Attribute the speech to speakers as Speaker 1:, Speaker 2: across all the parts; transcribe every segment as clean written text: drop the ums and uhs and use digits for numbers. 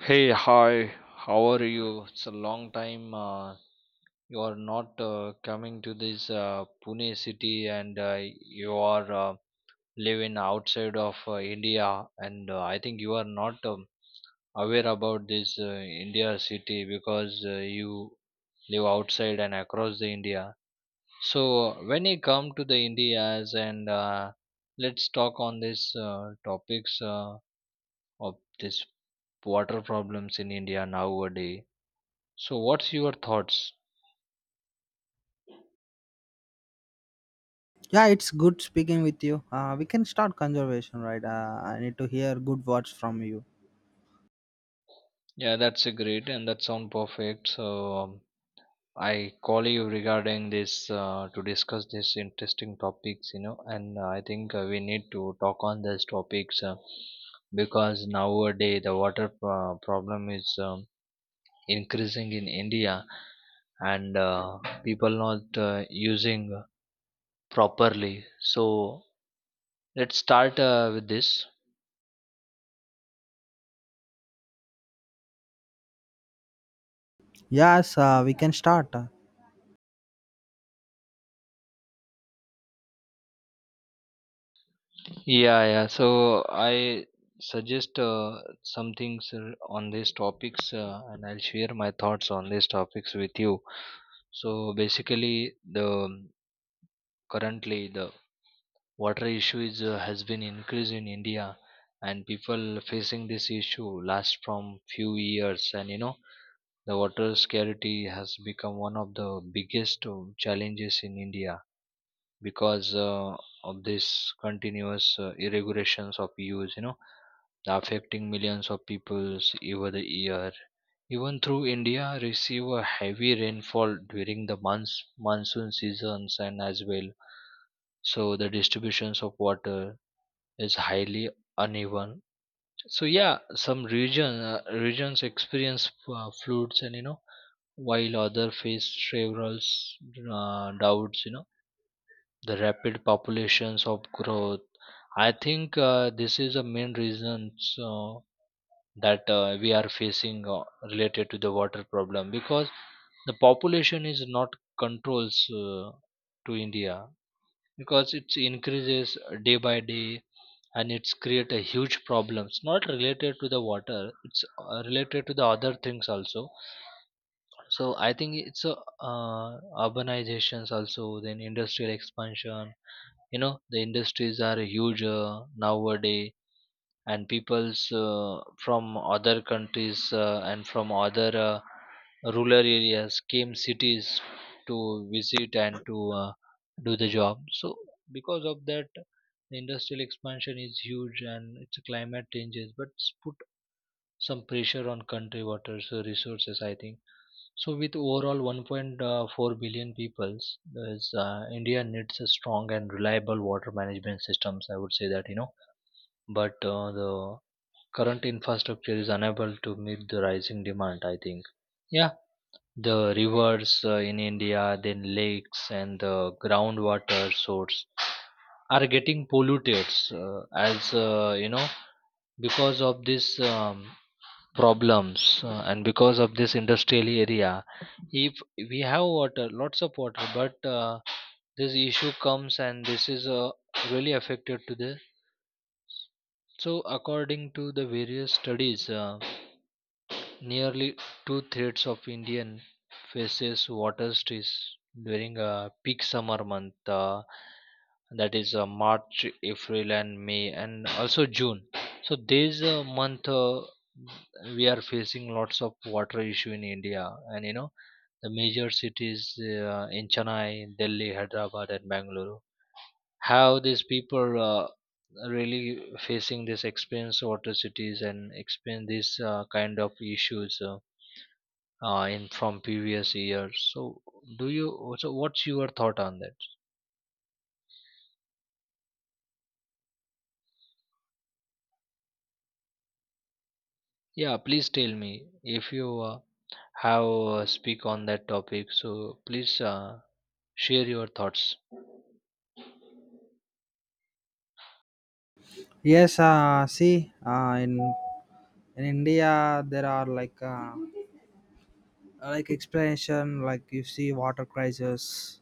Speaker 1: Hey, hi, how are you? It's a long time you are not coming to this Pune city and you are living outside of India and I think you are not aware about this India city because you live outside and across the India. So when you come to the Indias and let's talk on this topics of this water problems in India nowadays, so what's your thoughts?
Speaker 2: Yeah, it's good speaking with you. We can start conservation, right? I need to hear good words from you.
Speaker 1: Yeah, that's a great and that sound perfect. So, I call you regarding this to discuss this interesting topics, you know, and I think we need to talk on these topics because nowadays the problem is increasing in India, and people not using properly. So let's start with this.
Speaker 2: Yes, we can start.
Speaker 1: Yeah, yeah. So I suggest some things on these topics, and I'll share my thoughts on these topics with you. So basically, the currently the water issue is has been increased in India, and people facing this issue last from few years, and you know the water scarcity has become one of the biggest challenges in India because of this continuous irregulations of use. You know, affecting millions of people over the year. Even through India receive a heavy rainfall during the months monsoon seasons and as well. So the distributions of water is highly uneven. So yeah, some regions experience floods, and you know while other face several doubts. You know, the rapid populations of growth. I think this is a main reason. So that we are facing related to the water problem, because the population is not controls to India because it increases day by day, and it's create a huge problems, not related to the water, it's related to the other things also. So I think it's a uh, urbanizations also, then industrial expansion. You know the industries are huge nowadays, and peoples from other countries and from other rural areas came cities to visit and to uh, do the job. So because of that, the industrial expansion is huge, and it's a climate changes, but it's put some pressure on country water so resources, I think. So with overall 1.4 billion peoples there's, India needs a strong and reliable water management systems, I would say that, you know. But the current infrastructure is unable to meet the rising demand, I think. Yeah, the rivers in India, then lakes and the groundwater source are getting polluted, uh, as you know, because of this um, problems and because of this industrial area. If we have water, lots of water, but this issue comes, and this is really affected to the. So according to the various studies, nearly two-thirds of Indian faces water stress during a peak summer month, that is March, April, and May, and also June. So this month we are facing lots of water issue in India, and you know the major cities in Chennai, Delhi, Hyderabad, and Bangalore. How these people really facing this experience water cities and experience this kind of issues. In from previous years. So do you? So what's your thought on that? Yeah, please tell me if you have speak on that topic. So please share your thoughts.
Speaker 2: Yes, see, in India there are like explanation, like you see water crisis.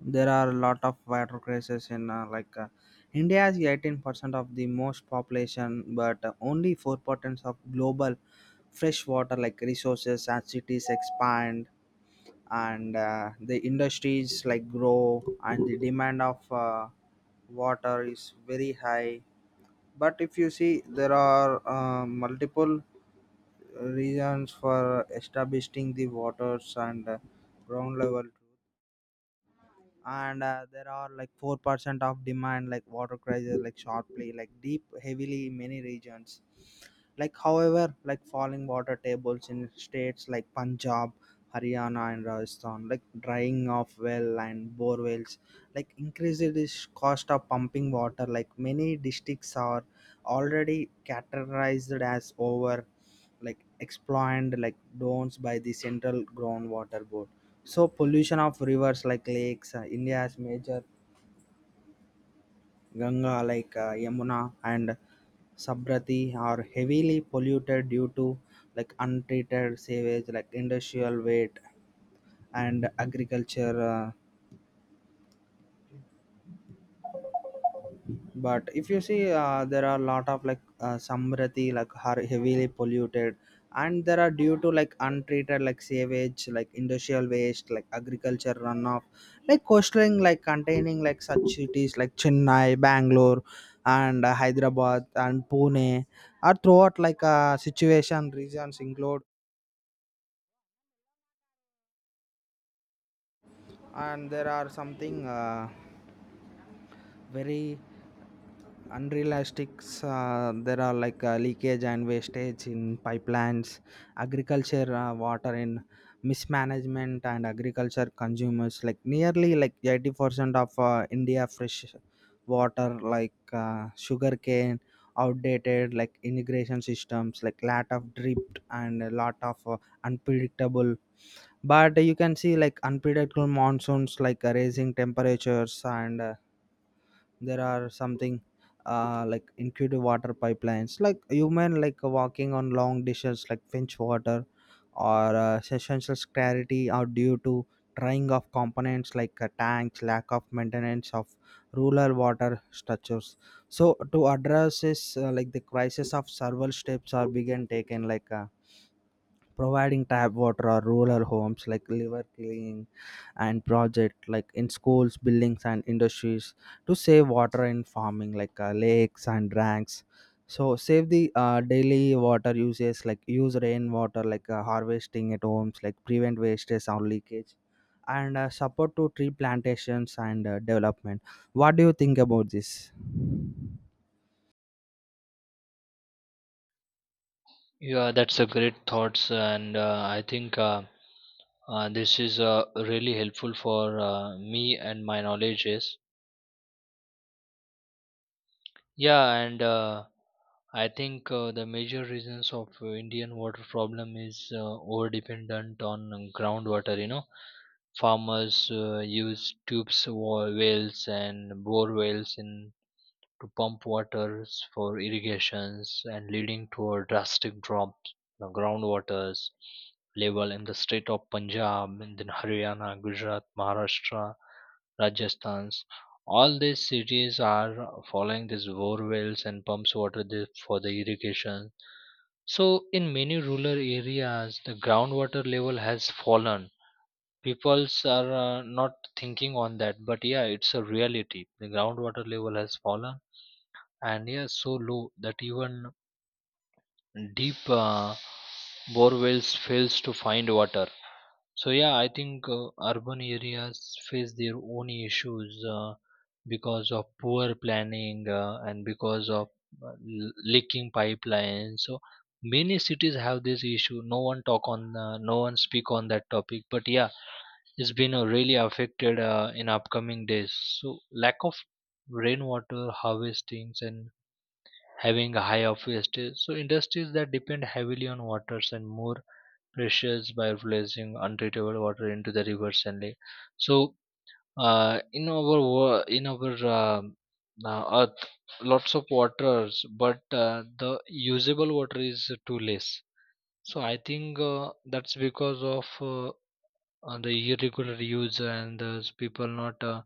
Speaker 2: There are a lot of water crisis in India is 18% of the most population, but only 4% of global fresh water like resources as cities expand and the industries like grow and the demand of water is very high but if you see there are multiple reasons for establishing the waters and ground level truth. And there are like 4% of demand like water crisis like sharply like deep heavily in many regions like however like falling water tables in states like Punjab, Haryana, and Rajasthan, like drying of well and bore wells like increased is cost of pumping water like many districts are already categorized as over like exploited like dons by the central groundwater board. So pollution of rivers like lakes, India's major Ganga, like Yamuna and Sabrati, are heavily polluted due to like untreated sewage, like industrial waste and agriculture. But if you see there are a lot of like samrati like are heavily polluted and there are due to like untreated like sewage like industrial waste like agriculture runoff like coastal like containing like such cities like Chennai, Bangalore, and Hyderabad and Pune are throughout like situation regions include and there are something very unrealistics. There are like leakage and wastage in pipelines, agriculture water in mismanagement and agriculture consumers like nearly like 80% of india fresh water like sugar cane, outdated like irrigation systems like lot of drift and a lot of unpredictable, but you can see like unpredictable monsoons like raising temperatures and there are something like incredible water pipelines like human like walking on long dishes like finch water or essential clarity are due to drying of components like tanks, lack of maintenance of rural water structures. So to address this like the crisis of several steps are began taken like providing tap water or rural homes like liver cleaning and project like in schools buildings and industries to save water in farming like lakes and dranks. So save the daily water uses like use rainwater like harvesting at homes like prevent wastage or leakage and support to tree plantations and development. What do you think about this?
Speaker 1: Yeah, that's a great thoughts, and I think this is really helpful for me and my knowledges. Yeah, and I think the major reasons of Indian water problem is over dependent on groundwater. You know, farmers use tubes, wells, and bore wells in to pump waters for irrigations, and leading to a drastic drop in the groundwaters level in the state of Punjab, and then Haryana, Gujarat, Maharashtra, Rajasthan. All these cities are following these bore wells and pumps water for the irrigation. So, in many rural areas, the groundwater level has fallen, peoples are not thinking on that, but yeah, it's a reality, the groundwater level has fallen and yeah so low that even deep bore wells fails to find water. So yeah, I think urban areas face their own issues because of poor planning and because of leaking pipelines. So many cities have this issue. No one talk on, no one speak on that topic. But yeah, it's been really affected in upcoming days. So lack of rainwater harvestings and having a high of wastage. So industries that depend heavily on waters and more pressures by releasing untreatable water into the rivers and lake. So in our in our earth, lots of waters, but the usable water is too less. So I think that's because of the irregular use and those people not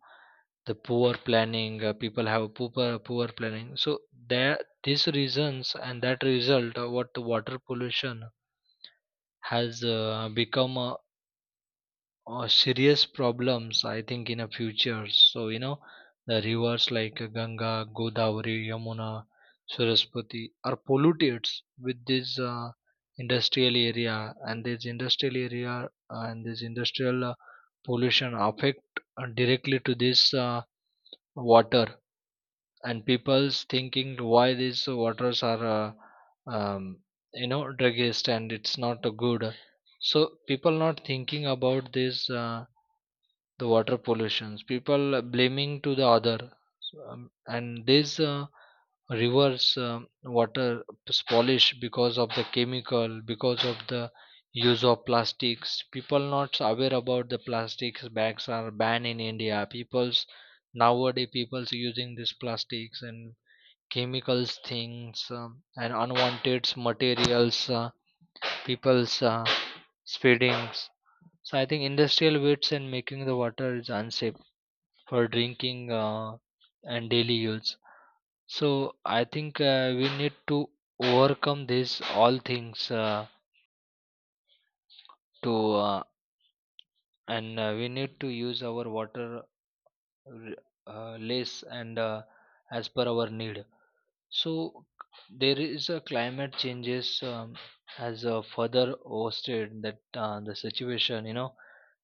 Speaker 1: the poor planning, people have poor planning. So there these reasons and that result what the water pollution has become a or serious problems, I think in a future. So you know the rivers like Ganga, Godavari, Yamuna, Saraswati are polluted with this industrial area, and this industrial area and this industrial pollution affect directly to this water. And people's thinking why these waters are um, you know druggist, and it's not good. So people not thinking about this the water pollutions, people blaming to the other. So, and this rivers water is polish because of the chemical, because of the use of plastics. People not aware about the plastics bags are banned in India. People's nowadays, people's using these plastics and chemicals things, and unwanted materials, people's speedings. So I think industrial waste and making the water is unsafe for drinking and daily use. So I think we need to overcome this all things to uh, and we need to use our water r- less and as per our need. So there is a climate changes has further hosted that the situation. You know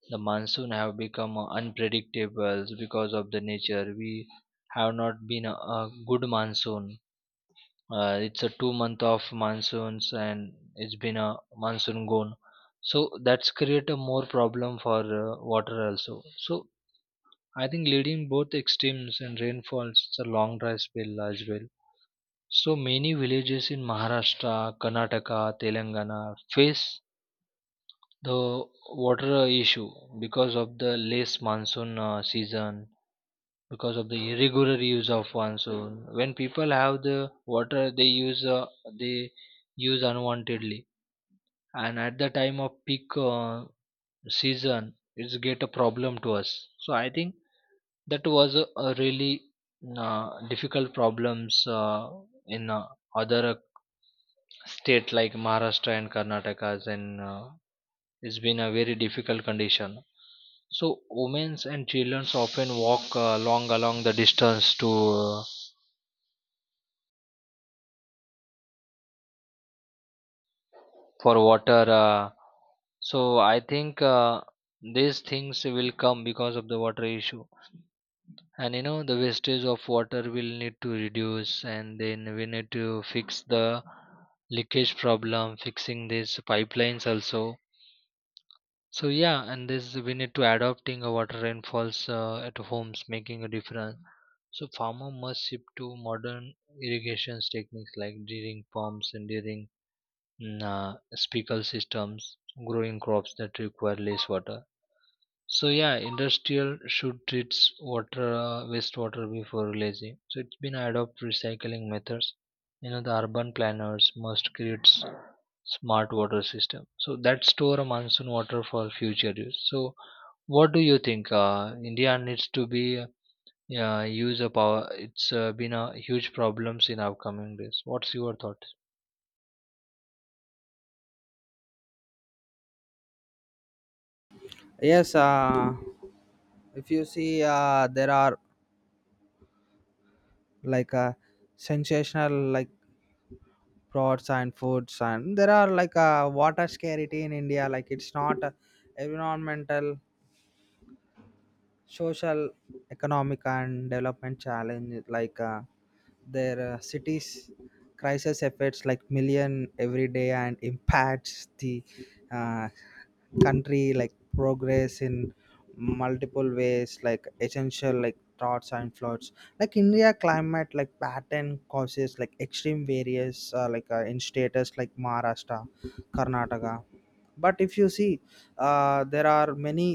Speaker 1: the monsoon have become unpredictable because of the nature. We have not been a good monsoon. It's a 2 month of monsoons, and it's been a monsoon gone. So that's create a more problem for water also. So I think leading both extremes and rainfalls, it's a long dry spell as well. So many villages in Maharashtra, Karnataka, Telangana face the water issue because of the less monsoon season, because of the irregular use of one. So when people have the water, they use unwantedly, and at the time of peak season, it's get a problem to us. So I think that was a really difficult problems in other state like Maharashtra and Karnataka's, and it's been a very difficult condition. So women and children often walk long along the distance to uh, for water, so I think these things will come because of the water issue. And you know the wastage of water will need to reduce, and then we need to fix the leakage problem, fixing these pipelines also. So yeah, and this we need to adopting a water rainfalls at homes, making a difference. So farmer must shift to modern irrigations techniques like drilling pumps and during speckle systems, growing crops that require less water. So yeah, industrial should treat water wastewater before releasing. So it's been adopt recycling methods. You know the urban planners must create smart water system. So that store a monsoon water for future use. So what do you think? India needs to be use a power. It's been a huge problems in upcoming days. What's your thought?
Speaker 2: Yes, if you see there are like a sensational like crops and foods and there are like a water scarcity in India. Like it's not a environmental, social, economic and development challenge. Their cities crisis affects like million every day and impacts the uh, country like progress in multiple ways like essential like droughts and floods like India climate like pattern causes like extreme various in status like Maharashtra, Karnataka. But if you see there are many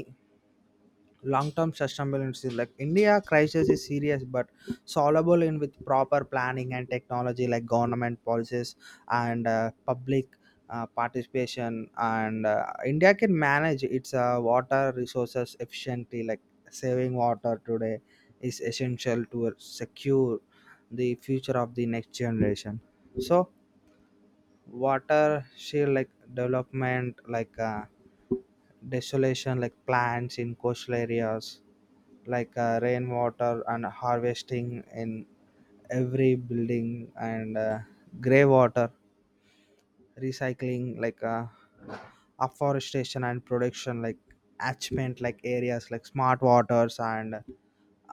Speaker 2: long-term sustainability like India crisis is serious but solvable in with proper planning and technology like government policies and public participation and India can manage its water resources efficiently like saving water today is essential to secure the future of the next generation. So water share like development like desolation like plants in coastal areas like rainwater and harvesting in every building and gray water recycling like afforestation and production like attachment like areas like smart waters and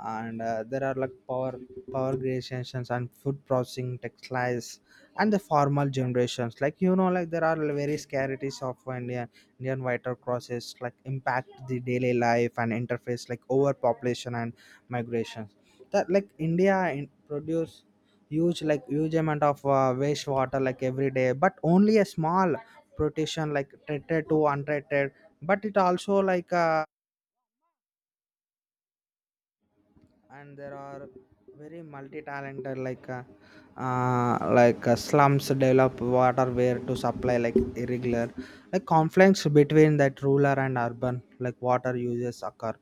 Speaker 2: and uh, there are like power creations and food processing textiles and the formal generations, like you know, like there are very scarcities of Indian water crosses like impact the daily life and interface like overpopulation and migration that like India in, produce huge amount of wastewater like every day but only a small protection like treated to untreated but it also like and there are very multi-talented like slums develop water where to supply like irregular like conflicts between that rural and urban like water uses occur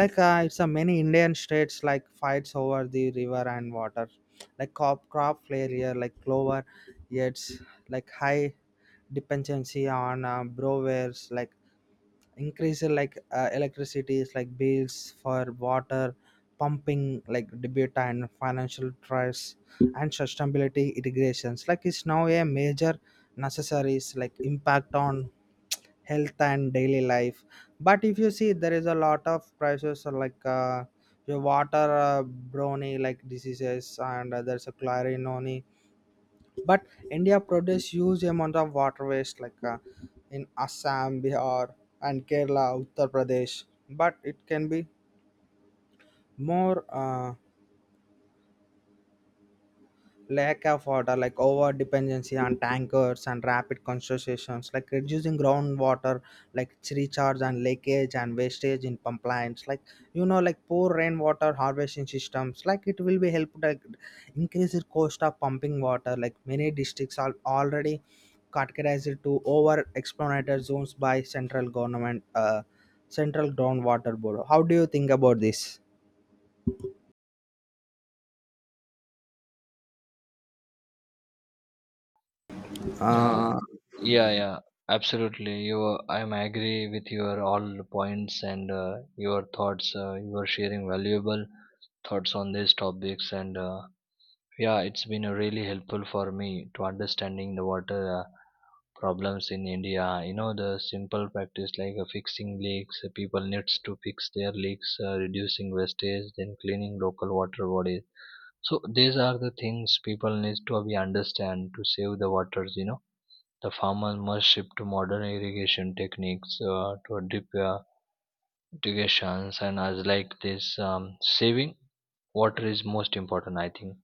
Speaker 2: like it's a many Indian states like fights over the river and water like crop failure like clover yields like high dependency on brewers like increase electricity is like bills for water pumping like debate and financial trust and sustainability integrations like it's now a major necessaries like impact on health and daily life. But if you see there is a lot of prices your water brony like diseases and there's a clarinone. But India produces huge amount of water waste like in Assam, Bihar and Kerala, Uttar Pradesh, but it can be more. uh, Lack of water like over dependency on tankers and rapid concentrations like reducing groundwater like its recharge and leakage and wastage in pipelines like you know like poor rainwater harvesting systems like it will be helped like increase the cost of pumping water like many districts are already categorized to over exploited zones by central government, central groundwater board. How do you think about this?
Speaker 1: Yeah,
Speaker 2: uh,
Speaker 1: yeah, yeah, absolutely. You, I'm agree with your all points and your thoughts. You are sharing valuable thoughts on these topics, and yeah, it's been really helpful for me to understanding the water problems in India. You know, the simple practice like fixing leaks. People needs to fix their leaks, reducing wastage, then cleaning local water bodies. So these are the things people needs to be understand to save the waters. You know the farmer must shift to modern irrigation techniques to deep irrigations and as like this, saving water is most important, I think.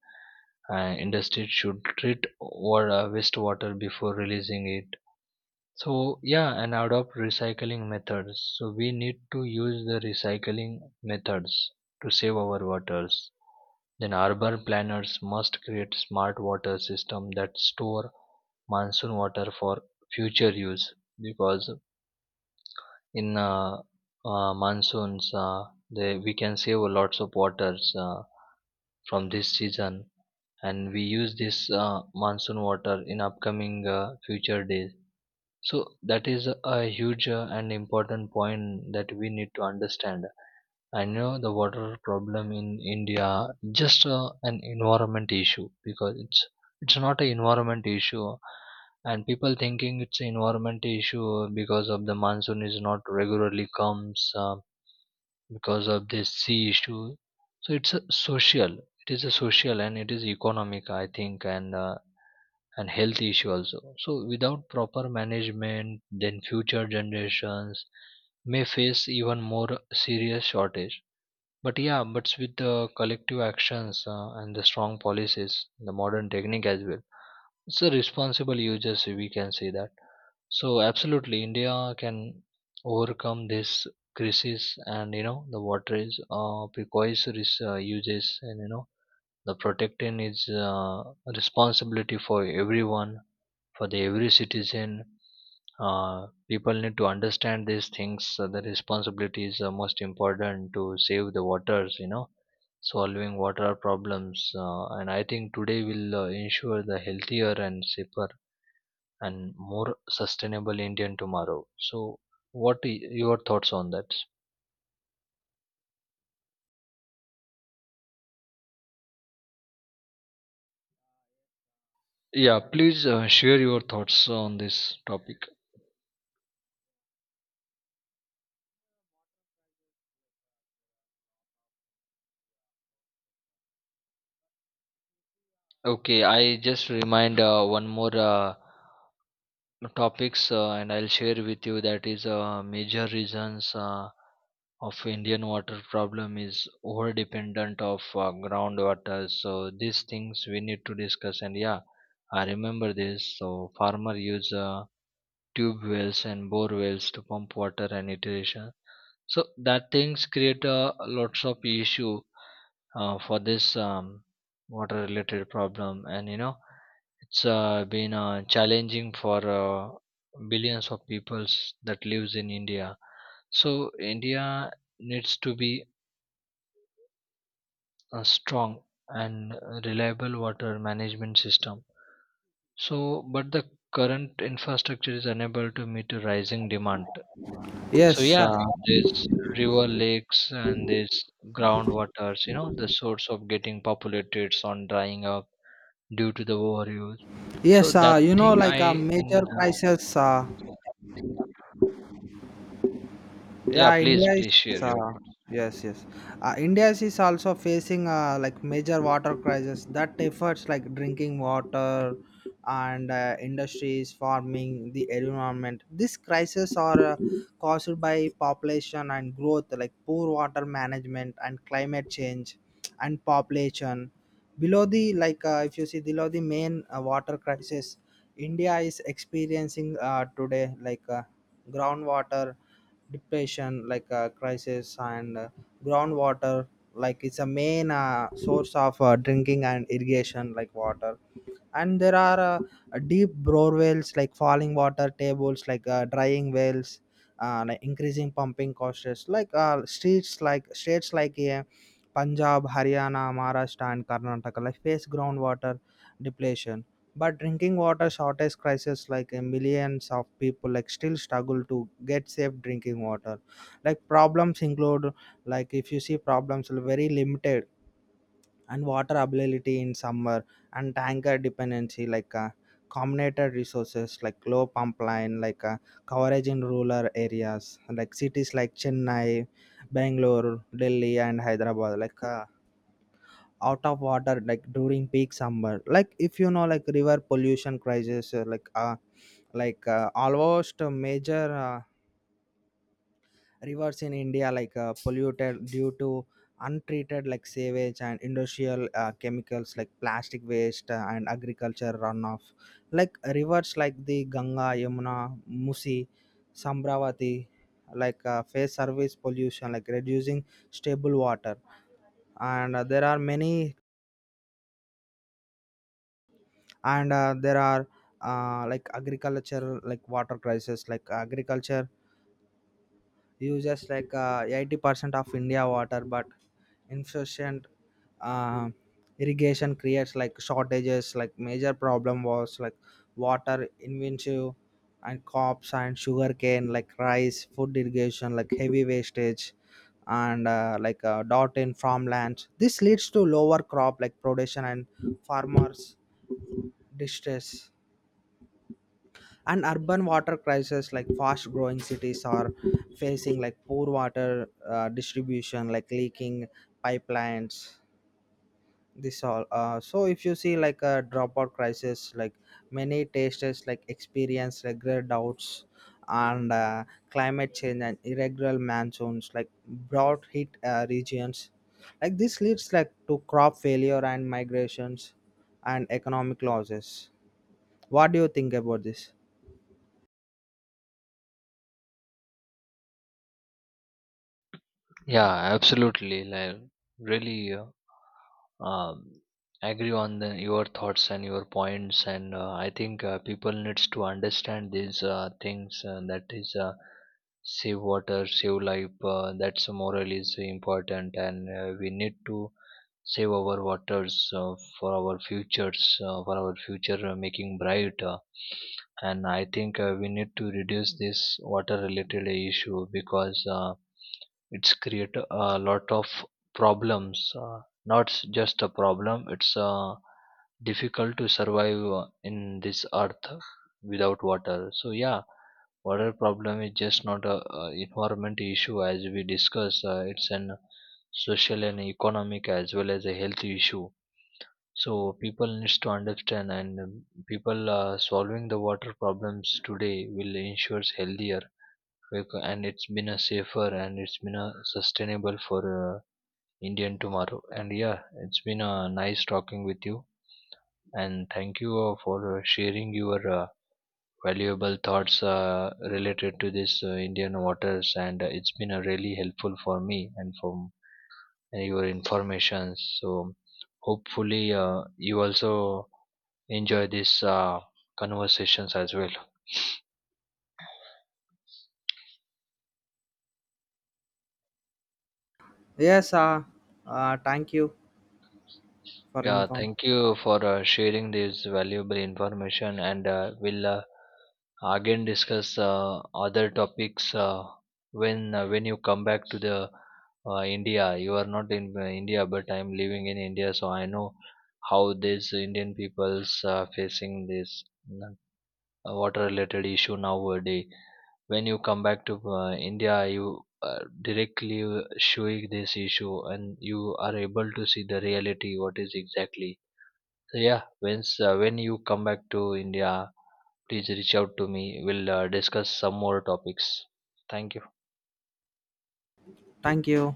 Speaker 1: Industry should treat water, wastewater before releasing it. So yeah, and adopt recycling methods. So we need to use the recycling methods to save our waters. Then urban planners must create smart water system that store monsoon water for future use because in monsoons we can save lots of waters from this season and we use this monsoon water in upcoming future days so that is a huge and important point that we need to understand. I know the water problem in India just an environment issue because it's not an environment issue, and people thinking it's an environment issue because of the monsoon is not regularly comes. Because of this sea issue, so it's a social, it is a social and it is economic I think, and health issue also. So without proper management, then future generations may face even more serious shortage. But yeah, but with the collective actions and the strong policies, the modern technique as well, so responsible users, we can say that. So absolutely, India can overcome this crisis, and you know the water is uses, and you know the protecting is responsibility for everyone, for the every citizen. People need to understand these things, so the responsibilities are most important to save the waters, you know, solving water problems and I think today will ensure the healthier and safer and more sustainable Indian tomorrow. So your thoughts on that? Yeah, please share your thoughts on this topic. Okay, I just remind one more topics and I'll share with you that is major reasons of Indian water problem is over dependent of groundwater. So these things we need to discuss, and yeah, I remember this. So farmer use tube wells and bore wells to pump water and irrigation. So that things create lots of issue for this water related problem, and you know it's been challenging for billions of peoples that lives in India. So India needs to be a strong and reliable water management system. So but the current infrastructure is unable to meet the rising demand. So
Speaker 2: yes uh,
Speaker 1: yeah, there's river lakes and there's groundwaters, you know, the source of getting populated on drying up due to the overuse. So
Speaker 2: yes
Speaker 1: that
Speaker 2: you know
Speaker 1: thing
Speaker 2: like a
Speaker 1: I
Speaker 2: major crisis.
Speaker 1: yeah,
Speaker 2: Yeah,
Speaker 1: please
Speaker 2: India is
Speaker 1: please share your.
Speaker 2: yes, yes, India is also facing like major water crisis that efforts like drinking water and industries farming the environment. These crises are caused by population and growth like poor water management and climate change and population below the like if you see below the main water crisis India is experiencing today like groundwater depletion like crisis and groundwater like it's a main source of drinking and irrigation like water and there are deep bore wells like falling water tables like drying wells like increasing pumping costs like streets like states like Punjab, Haryana, Maharashtra and Karnataka like face groundwater depletion. But drinking water shortage crisis like millions of people like still struggle to get safe drinking water like problems include like if you see problems are very limited and water availability in summer and tanker dependency like combinated resources like low pump line like coverage in rural areas like cities like Chennai, Bangalore, Delhi and Hyderabad like out of water like during peak summer. Like if you know like river pollution crisis almost a major rivers in India like polluted due to untreated like sewage and industrial chemicals like plastic waste and agriculture runoff. Like rivers like the Ganga, Yamuna, Musi, Sambravati like face service pollution like reducing stable water and there are many and there are like agriculture like water crisis like agriculture uses like 80% of India water but insufficient uh, irrigation creates like shortages like major problem was like water inventory and crops and sugarcane, like rice food irrigation like heavy wastage and dot in farmlands. This leads to lower crop like production and farmers distress and urban water crisis like fast growing cities are facing like poor water distribution like leaking pipelines. This all so if you see like a dropout crisis like many tasters like experience regular doubts and climate change and irregular monsoons like drought hit regions like this leads like to crop failure and migrations and economic losses. What do you think about this?
Speaker 1: Yeah, absolutely. Like really, um, agree on the, your thoughts and your points, and I think people needs to understand these things that is, save water save life, that's moral is important, and we need to save our waters for our futures for our future making bright, and I think we need to reduce this water related issue because it's create a lot of problems, not s- just a problem, it's difficult to survive in this earth without water. So yeah, water problem is just not a, environment issue as we discussed, it's an social and economic as well as a health issue. So people needs to understand, and people solving the water problems today will ensure healthier, and it's been a safer and it's been a sustainable for Indian tomorrow. And yeah, it's been a nice talking with you. And thank you for sharing your valuable thoughts related to this Indian waters. And it's been really helpful for me and for and your information. So hopefully you also enjoy these conversations as well.
Speaker 2: Yes, thank you for
Speaker 1: Yeah,
Speaker 2: inform.
Speaker 1: thank you for sharing this valuable information, and we'll again discuss other topics when you come back to the India. You are not in India, but I'm living in India, so I know how these Indian peoples are facing this mm, water-related issue nowadays. When you come back to India, you directly showing this issue, and you are able to see the reality. What is exactly, yeah, once when you come back to India, please reach out to me. We'll discuss some more topics. Thank you.
Speaker 2: Thank you.